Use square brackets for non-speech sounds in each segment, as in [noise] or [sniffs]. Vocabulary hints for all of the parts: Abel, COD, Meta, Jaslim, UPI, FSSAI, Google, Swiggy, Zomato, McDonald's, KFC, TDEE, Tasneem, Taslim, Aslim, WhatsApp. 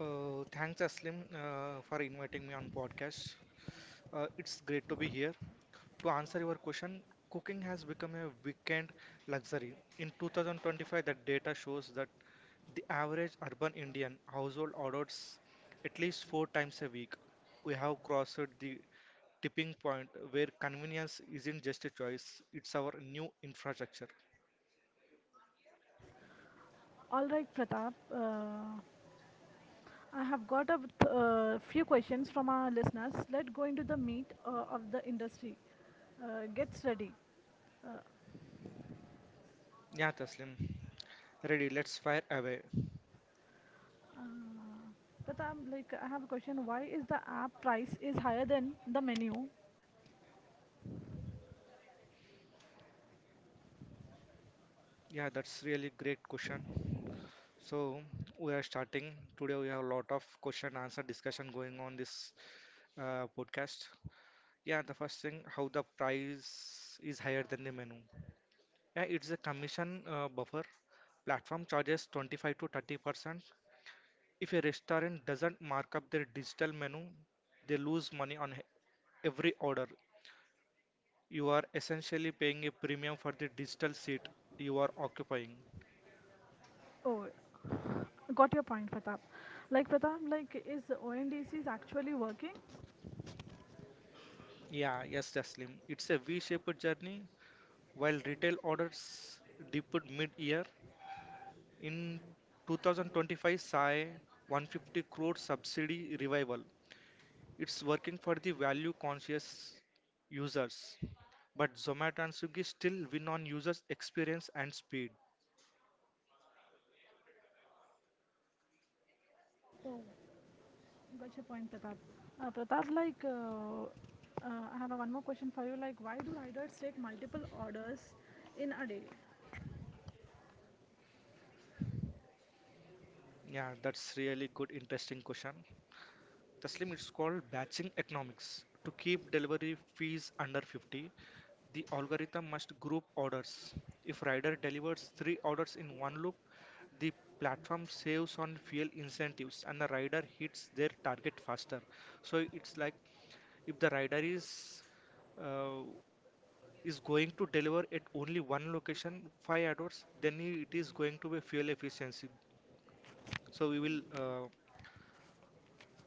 Thanks, Aslim, for inviting me on podcast. It's great to be here. To answer your question, cooking has become a weekend luxury. In 2025, the data shows that the average urban Indian household orders at least four times a week. We have crossed the tipping point where convenience isn't just a choice; it's our new infrastructure. Yeah, Taslim, ready? Let's fire away. Yeah, that's really great question. So we are starting today. We have a lot of question and answer discussion going on this podcast. Yeah, the first thing, how the price is higher than the menu. Yeah, it's a commission buffer. Platform charges 25 to 30%. If a restaurant doesn't mark up their digital menu, they lose money on every order. You are essentially paying a premium for the digital seat you are occupying. Yeah, yes, Jaslim. It's a V-shaped journey while retail orders dipped mid-year. In 2025, SAI 150 crore subsidy revival. It's working for the value-conscious users, but Zomato and Swiggy still win on users' experience and speed. Yeah, that's really good, interesting question. Taslim, it's called batching economics. To keep delivery fees under 50, the algorithm must group orders. If rider delivers three orders in one loop, the platform saves on fuel incentives and the rider hits their target faster. So it's like if the rider uh, is going to deliver at only one location 5 hours, then it is going to be fuel efficiency. So we will uh,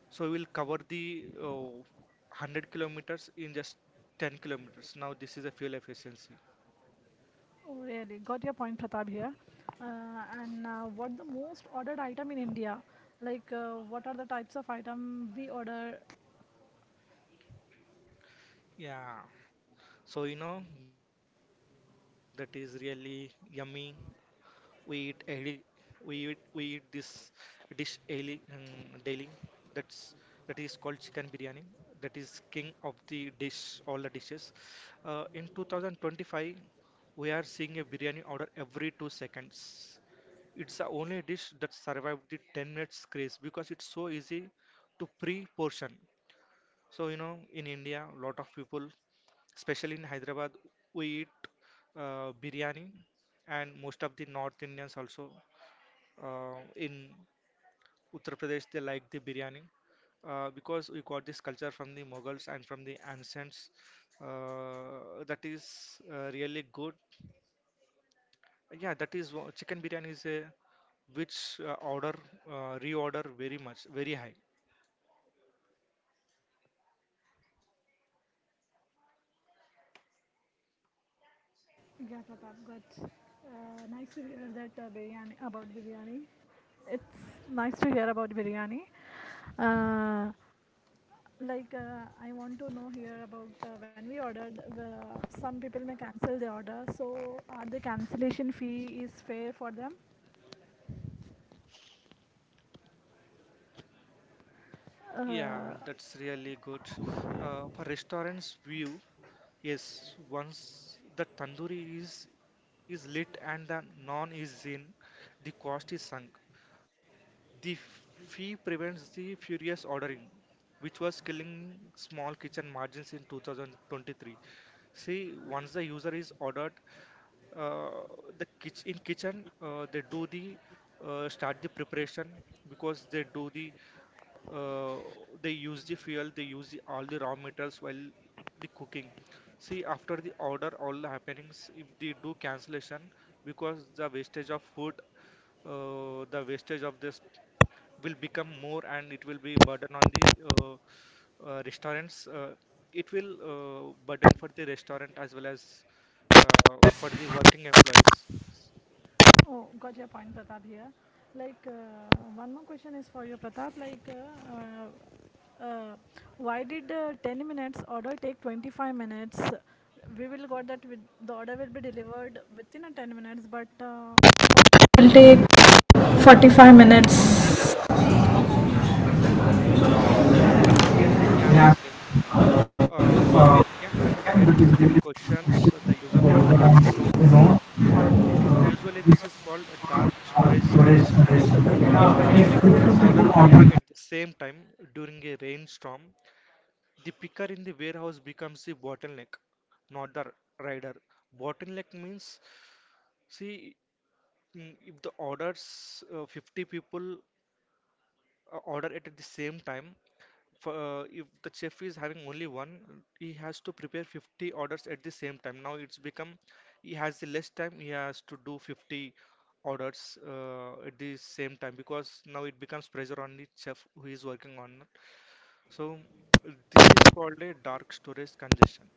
so we will cover the uh, 100 kilometers in just 10 kilometers. Now this is a fuel efficiency. Yeah. So you know that is really yummy, we eat daily, we eat this dish daily, daily, that, that is called chicken biryani. That is king of the dish, all the dishes. In 2025, we are seeing a biryani order every 2 seconds. It's the only dish that survived the 10 minutes craze because it's so easy to pre-portion. So you know, in India lot of people, especially in Hyderabad, we eat biryani, and most of the North Indians also, in Uttar Pradesh they like the biryani, because we got this culture from the Mughals and from the ancients. That is really good. Yeah, that is chicken biryani is a which order, reorder very much, very high. Yeah, that's really good. For restaurants view, yes, once the tandoori is lit and the non is in, the cost is sunk. The fee prevents the furious ordering, which was killing small kitchen margins in 2023. See, once the user is ordered, uh, the kitchen, they do the start the preparation, because they do the uh, they use the fuel, they use the all the raw materials while the cooking. See, after the order all the happenings, if they do cancellation, because the wastage of food, the wastage of this will become more and it will be burden on the restaurants. It will burden for the restaurant as well as uh, for the working employees. Yeah, That Tasneem. Um yeah, that is is really good related questions that the user wants to know. Usually this is called a dark storage to storage congestion. solution. If 50 people This order is maggie order at the same time during a rainstorm, the picker in the warehouse becomes the bottleneck, not the rider. Bottleneck means, see, if the orders, 50 people order it at the same time, for, if the chef is having only one, he has to prepare 50 orders at the same time. Now it's become he has the less time, he has to do 50 orders at the same time because now it becomes pressure on the chef who is working on it. So this is called a dark storage congestion.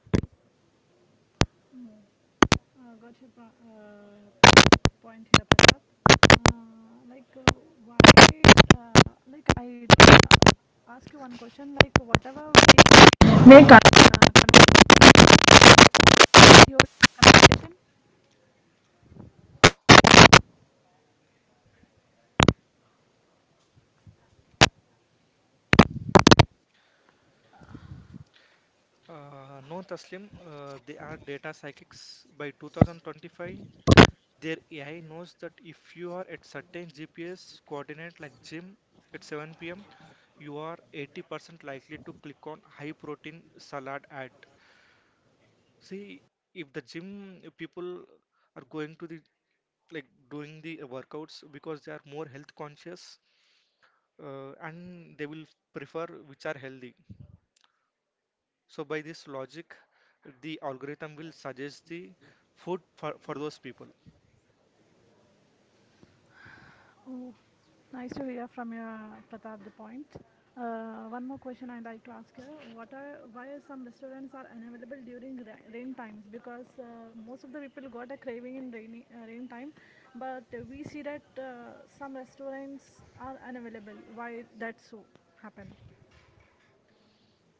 No, Taslim, they are data psychics. By 2025, their AI knows that if you are at certain GPS coordinate like gym at 7 p.m., you are 80% likely to click on high protein salad ad. See, if the gym people are going to the like doing the workouts because they are more health conscious, and they will prefer which are healthy. So by this logic, the algorithm will suggest the food for those people.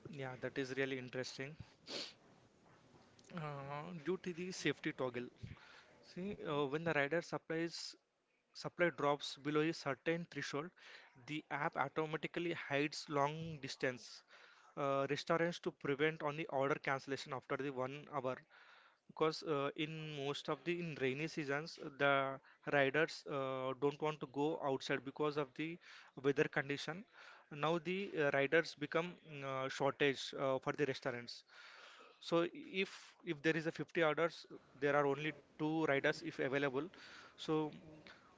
Yeah, that is really interesting. Due to the safety toggle. See, when the rider supplies supply drops below a certain threshold, the app automatically hides long distance restaurants to prevent on the order cancellation after the 1 hour. Because in most of the in rainy seasons, the riders don't want to go outside because of the weather condition. Now the riders become shortage for the restaurants. So if there is a 50 orders, there are only two riders if available, so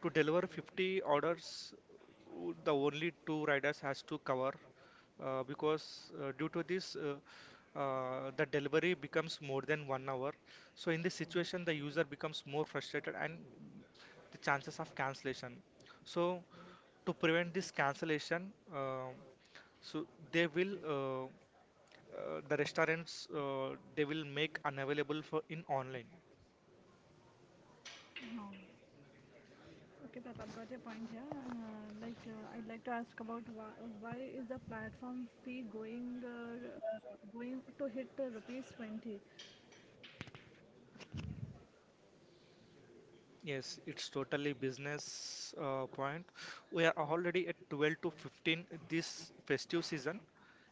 to deliver 50 orders the only two riders has to cover, because due to this the delivery becomes more than 1 hour. So in this situation the user becomes more frustrated and the chances of cancellation. So to prevent this cancellation, so they will uh, the restaurants, they will make unavailable for in online. Yes, it's totally business point. We are already at 12 to 15. This festive season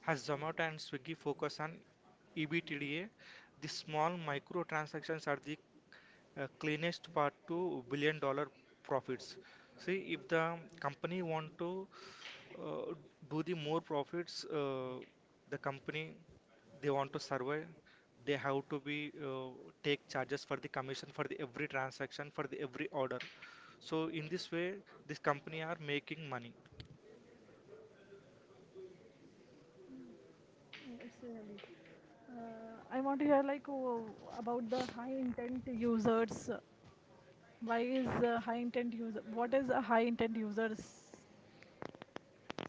has Zomato and Swiggy focus on ebtda. The small micro transactions are the cleanest part to billion dollar profits. See, if the company want to uh, do the more profits, the company, they want to survive, they have to be take charges for the commission, for the every transaction, for the every order. So in this way this company are making money.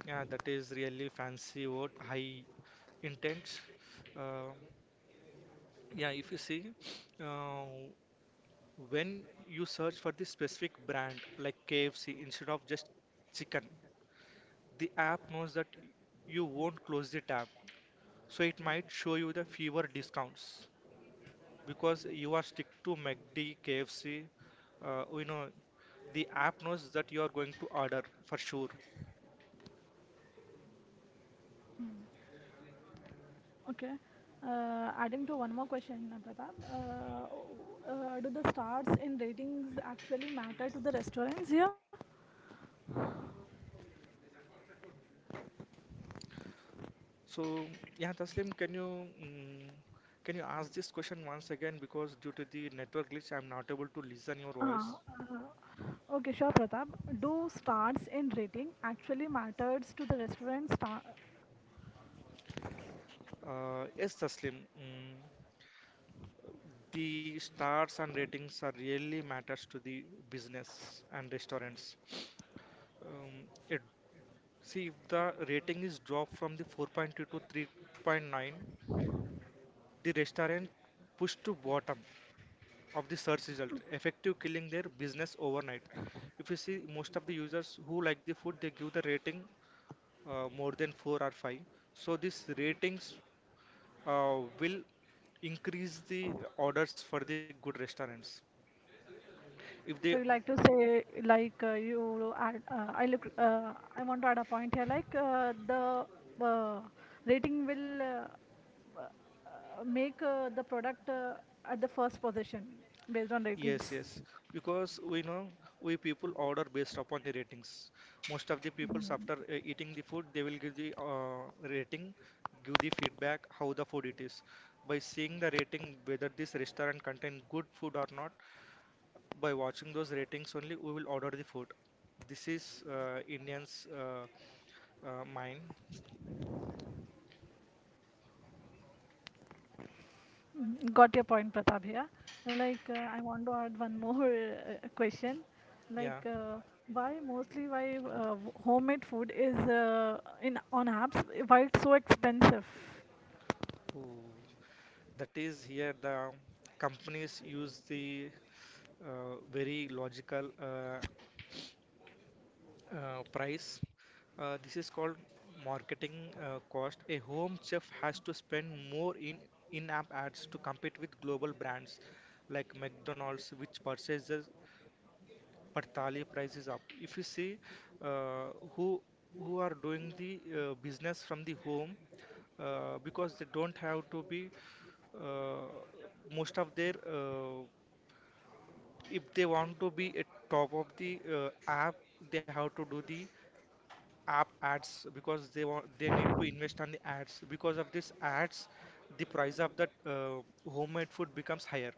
Yeah, that is really fancy word, high intense. uh, yeah, if you see, uh, when you search for the specific brand like KFC instead of just chicken, the app knows that you won't close the tab. So it might show you the fewer discounts because you are stick to McD, KFC. You know, the app knows that you are going to order for sure. So yeah, Taslim, can you can you ask this question once again because due to the network glitch, I'm not able to listen your voice. Yes, Taslim, the stars and ratings are really matters to the business and restaurants. Um, a See, if the rating is dropped from the 4.2 to 3.9, the restaurant pushed to bottom of the search result, effective killing their business overnight. If you see, most of the users who like the food, they give the rating more than 4 or 5. So these ratings will increase the orders for the good restaurants. If they Yes, yes. Because we know we people order based upon the ratings. Most of the peoples after eating the food, they will give the rating, give the feedback how the food it is. By seeing the rating whether this restaurant contain good food or not, by watching those ratings only we will order the food. This is Indians' mind. Yeah. Ooh. That is here the companies use the very logical price. This is called marketing cost. A home chef has to spend more in in-app ads to compete with global brands like McDonald's, which purchases per thali prices up. If you see, uh, who who are doing the business from the home, because they don't have to be, uh, most of their if they want to be at top of the app, they have to do the app ads, because they want, they need to invest on the ads. Because of these ads the price of that homemade food becomes higher.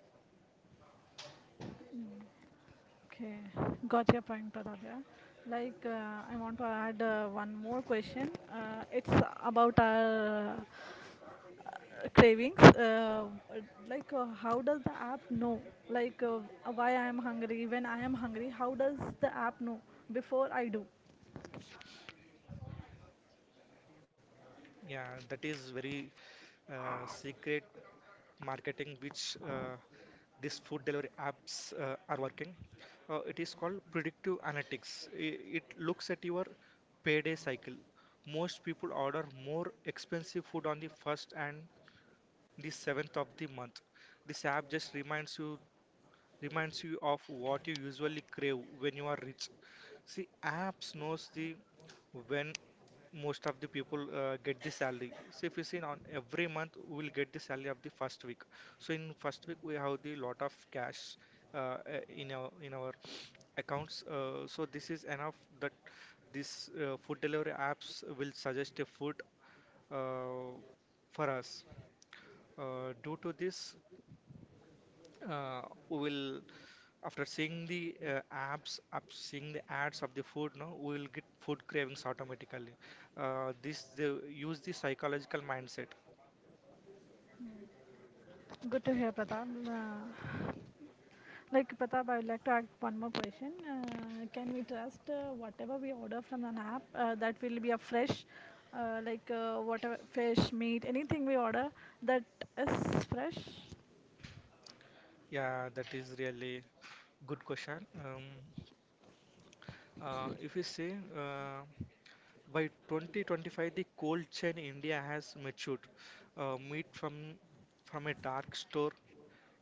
Yeah, that is very secret marketing which these food delivery apps are working. It is called predictive analytics. It looks at your payday cycle. Most people order more expensive food on the first and the 7th of the month. This app just reminds you of what you usually crave when you are rich. See, apps knows the when most of the people get the salary. See, if you see on every month we will get the salary of the first week. So in first week we have the lot of cash uh, uh, in our accounts. So this is enough that this food delivery apps will suggest a food uh, for us. Due to this, uh, we will after seeing the apps up seeing the ads of the food no we will get food cravings automatically. This they use the psychological mindset. Yeah, that is really good question. If you say, by 2025 the cold chain india has matured. Meat from a dark store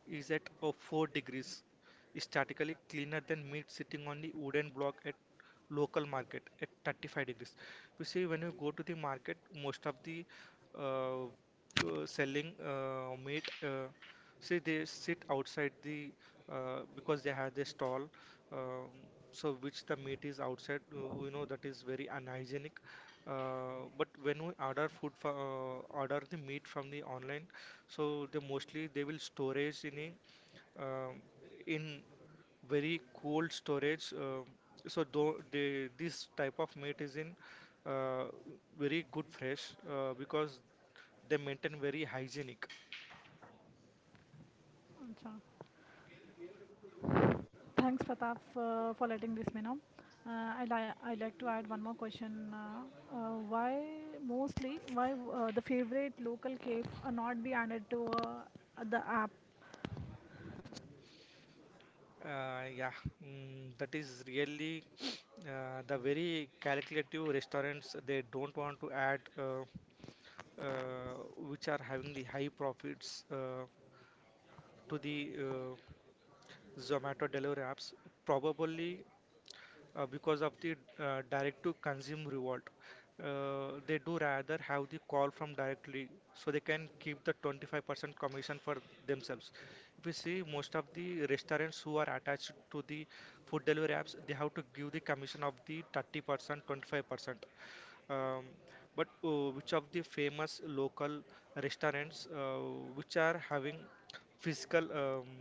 is at a 4 degrees, statically cleaner than meat sitting on the wooden block at local market at 35 degrees. You see, when you go to the market, most of the uh, uh, selling meat, see, they sit outside the because they have their stall. Um, so which the meat is outside, that is very unhygienic. But when we order food from, order the meat from the online, so they mostly they will storage in a in very cold storage. So though they, this type of meat is in uh, very good fresh because they maintain very hygienic. Yeah, that is really [sniffs] the very calculative restaurants. They don't want to add. Uh, which are having the high profits to the Zomato delivery apps, probably because of the direct to consume reward. They do rather have the call from directly, so they can keep the 25% commission for themselves. If you see most of the restaurants who are attached to the food delivery apps, they have to give the commission of the 30%, 25%. Um, but which of the famous local restaurants, which are having physical um,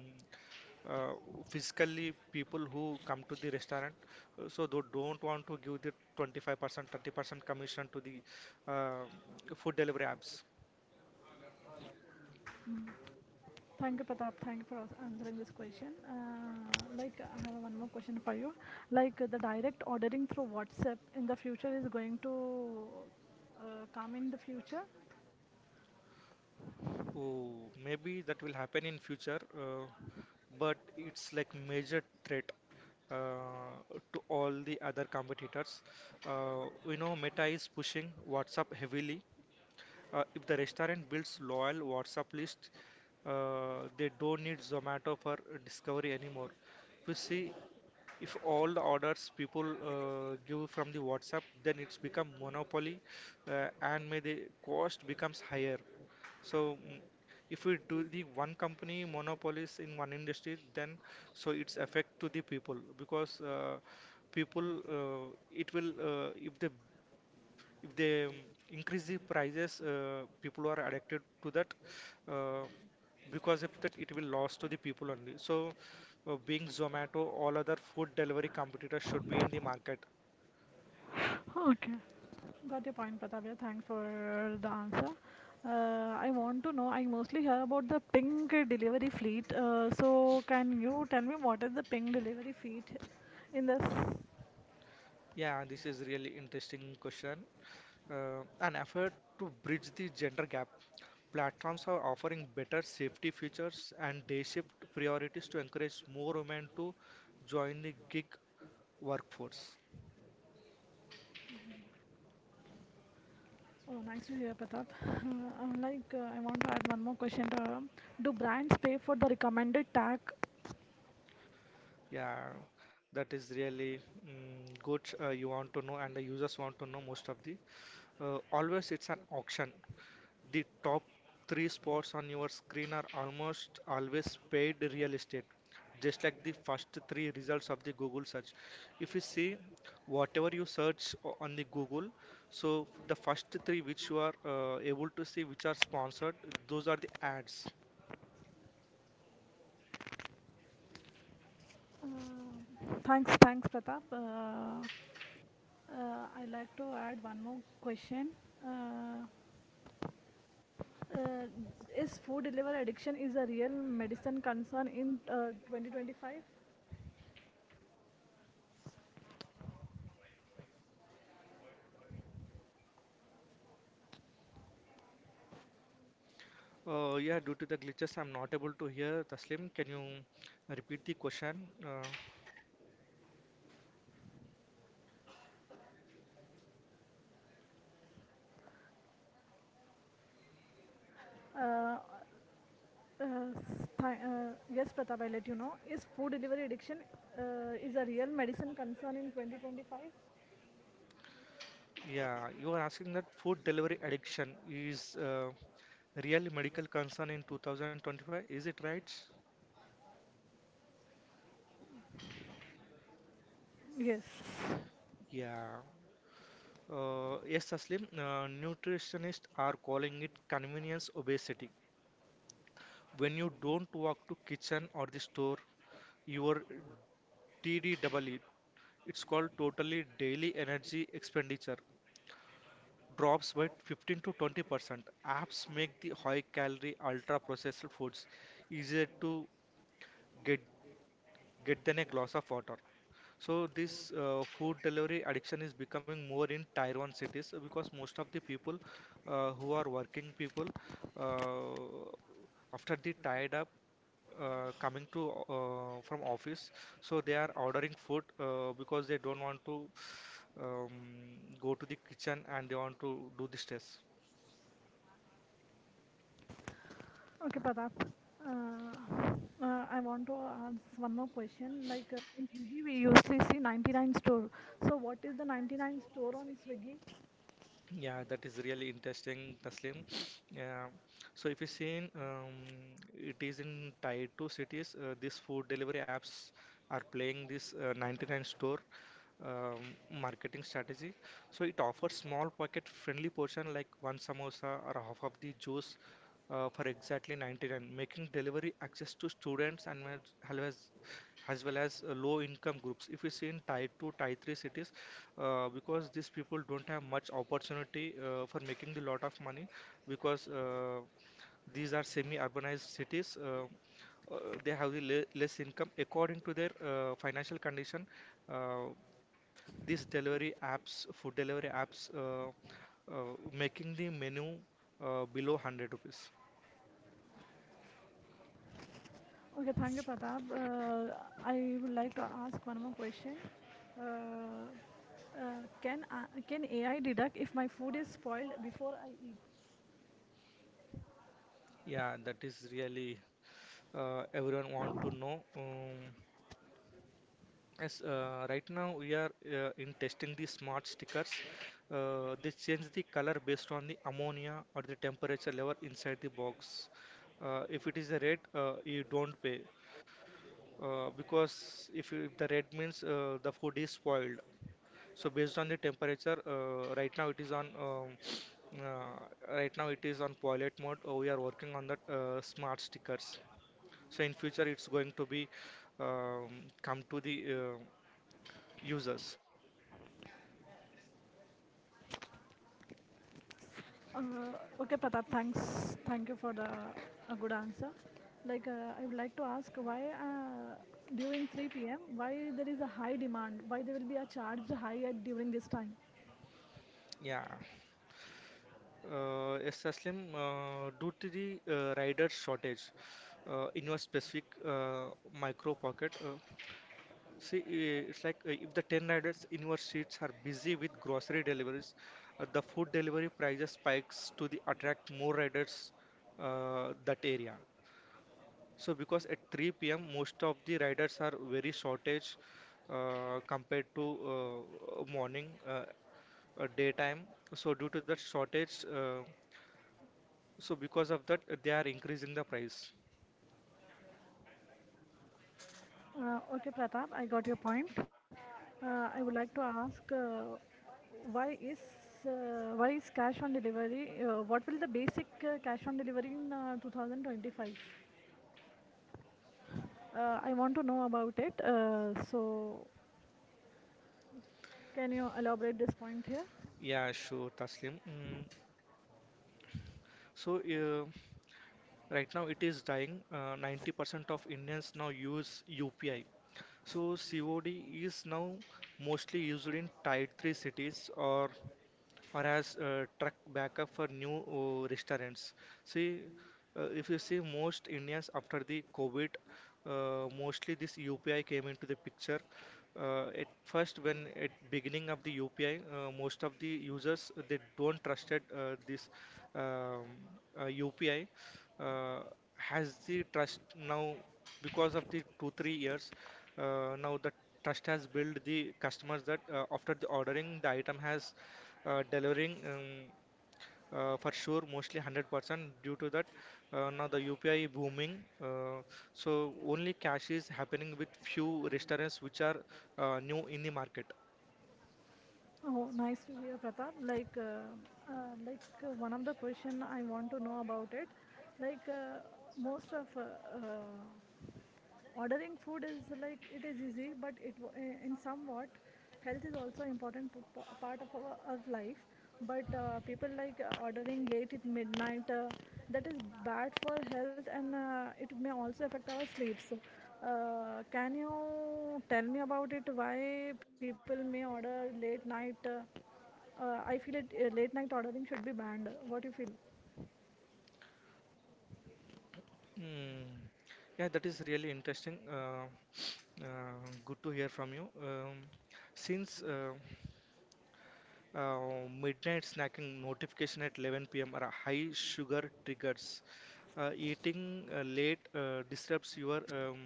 uh, physically people who come to the restaurant, so they don't want to give the 25% 30% commission to the uh, food delivery apps. Oh, maybe that will happen in future, but it's like major threat uh, to all the other competitors. We know Meta is pushing WhatsApp heavily. If the restaurant builds loyal WhatsApp list, they don't need Zomato for discovery anymore. We see if all the orders people give from the WhatsApp, then it's become monopoly, and may the cost becomes higher. So if we do the one company monopolies in one industry, then so it's affect to the people, because people, it will, if they increase the prices, people are addicted to that, uh, because if that it will loss to the people only. So being zomato, all other food delivery competitors should be in the market. Yeah, this is really interesting question. An effort to bridge the gender gap, platforms are offering better safety features and day shift priorities to encourage more women to join the gig workforce. Yeah, that is really good. You want to know, and the users want to know most of the. Always, it's an auction. The top three spots on your screen are almost always paid real estate, just like the first three results of the Google search. If you see whatever you search on the Google, so the first three which you are able to see, which are sponsored, those are the ads. Yeah, due to the glitches, I'm not able to hear. Taslim, can you repeat the question? Yeah, you are asking that food delivery addiction is real medical concern in 2025. Is it right? Yeah. Yes, Taslim. Nutritionists are calling it convenience obesity. When you don't walk to kitchen or the store, your TDEE, it's called totally daily energy expenditure, drops by 15 to 20%. Apps make the high calorie, ultra processed foods easier to get, get than a glass of water. So this food delivery addiction is becoming more in tier 1 cities, because most of the people, who are working people, uh, after they tied up, coming to, from office, so they are ordering food, because they don't want to um, go to the kitchen and they want to do the stress. Yeah, that is really interesting, Taslim. [sniffs] Yeah. So if you seen, it is in tied to cities. These food delivery apps are playing this 99 store um, marketing strategy. So it offers small pocket friendly portion like one samosa or half of the juice, for exactly 99, making delivery access to students and as well as low income groups. If you see in tier 2, tier 3 cities, because these people don't have much opportunity for making the lot of money, because these are semi urbanized cities. Uh, they have the less income according to their financial condition. Uh, these delivery apps, food delivery apps, making the menu below 100 rupees. Yeah, that is really, everyone want to know. Yes, right now we are in testing the smart stickers. They change the color based on the ammonia or the temperature level inside the box. If it is a red, you don't pay. Because if, you, if the red means the food is spoiled. So based on the temperature, right now it is on [sniffs] uh, right now it is on pilot mode. We are working on the smart stickers. So in future it's going to be come to the users. Yeah. Yes, Aslim, due to the rider shortage in your specific micro pocket. See, it's like if the 10 riders in your streets are busy with grocery deliveries, the food delivery prices spikes to the attract more riders that area. So because at 3 p.m. most of the riders are very shortage, compared to morning, daytime. So due to that shortage, so because of that they are increasing the price. Yeah, sure, Taslim. Mm. So right now, it is dying. 90% of Indians now use UPI. So, COD is now mostly used in tier 3 cities, or as truck backup for new restaurants. See, if you see most Indians after the COVID, mostly this UPI came into the picture. At first, when at beginning of the UPI, most of the users they don't trusted this um, UPI. Uh, has the trust now because of the 2-3 years? Now the trust has built the customers that, after the ordering the item has delivering, for sure mostly 100%, due to that now the upi booming. uh, so only cash is happening with few restaurants which are new in the market. Hmm. Yeah, that is really interesting. [sniffs] Good to hear from you. Since midnight snacking notification at 11 p.m. or high sugar triggers. Eating late disrupts your um,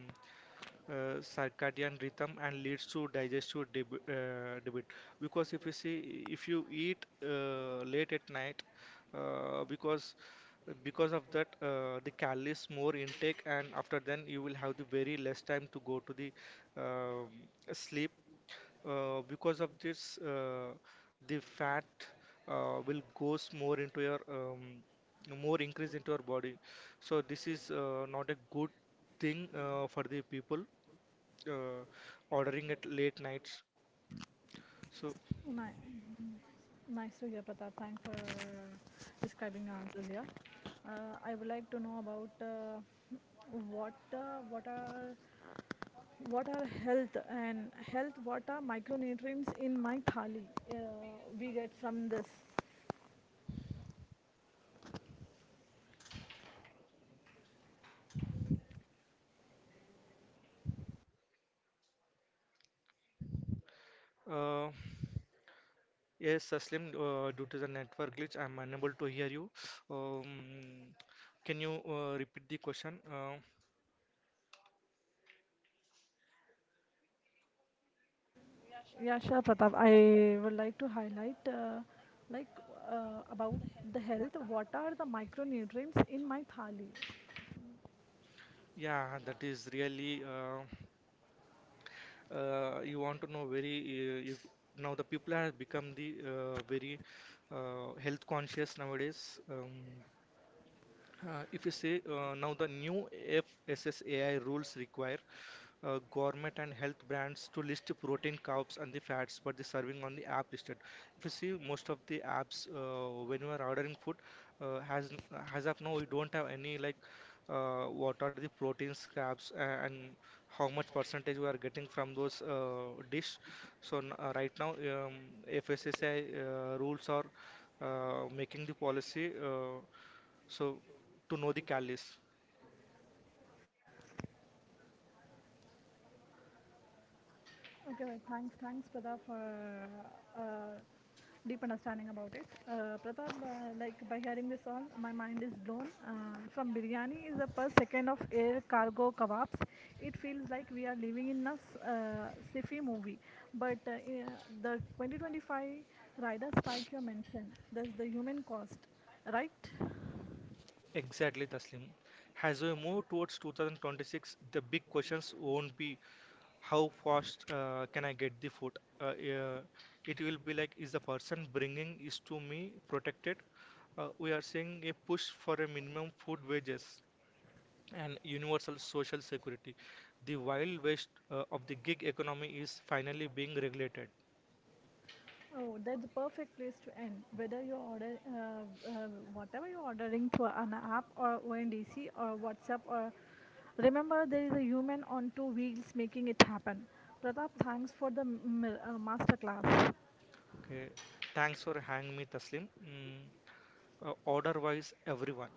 uh, circadian rhythm and leads to digestive debit, because if you see if you eat late at night, uh, because because of that the calories more intake and after then you will have the very less time to go to the um sleep. Because of this the fat will goes more into your, more increase into your body. So this is not a good thing for the people uh, ordering at late nights. So, uh, yes aslim, due to the network glitch I'm unable to hear you. um, can you repeat the question? Yeah, that is really, you want to know very, now the people have become the very health conscious nowadays. If you say, now the new FSSAI rules require gourmet and health brands to list protein, carbs, and the fats, but the serving on the app listed. If you see most of the apps, when you are ordering food, uh, has has of now we don't have any like, what are the proteins, carbs, and how much percentage we are getting from those dish. So right now FSSAI rules are making the policy. So, to know the catalyst, exactly Taslim. As we move towards 2026, the big questions won't be how fast can I get the food. Uh, uh, it will be like, is the person bringing is to me protected? We are seeing a push for a minimum food wages and universal social security. The wild west of the gig economy is finally being regulated. Okay, thanks for hanging me, Taslim. Order wise, everyone.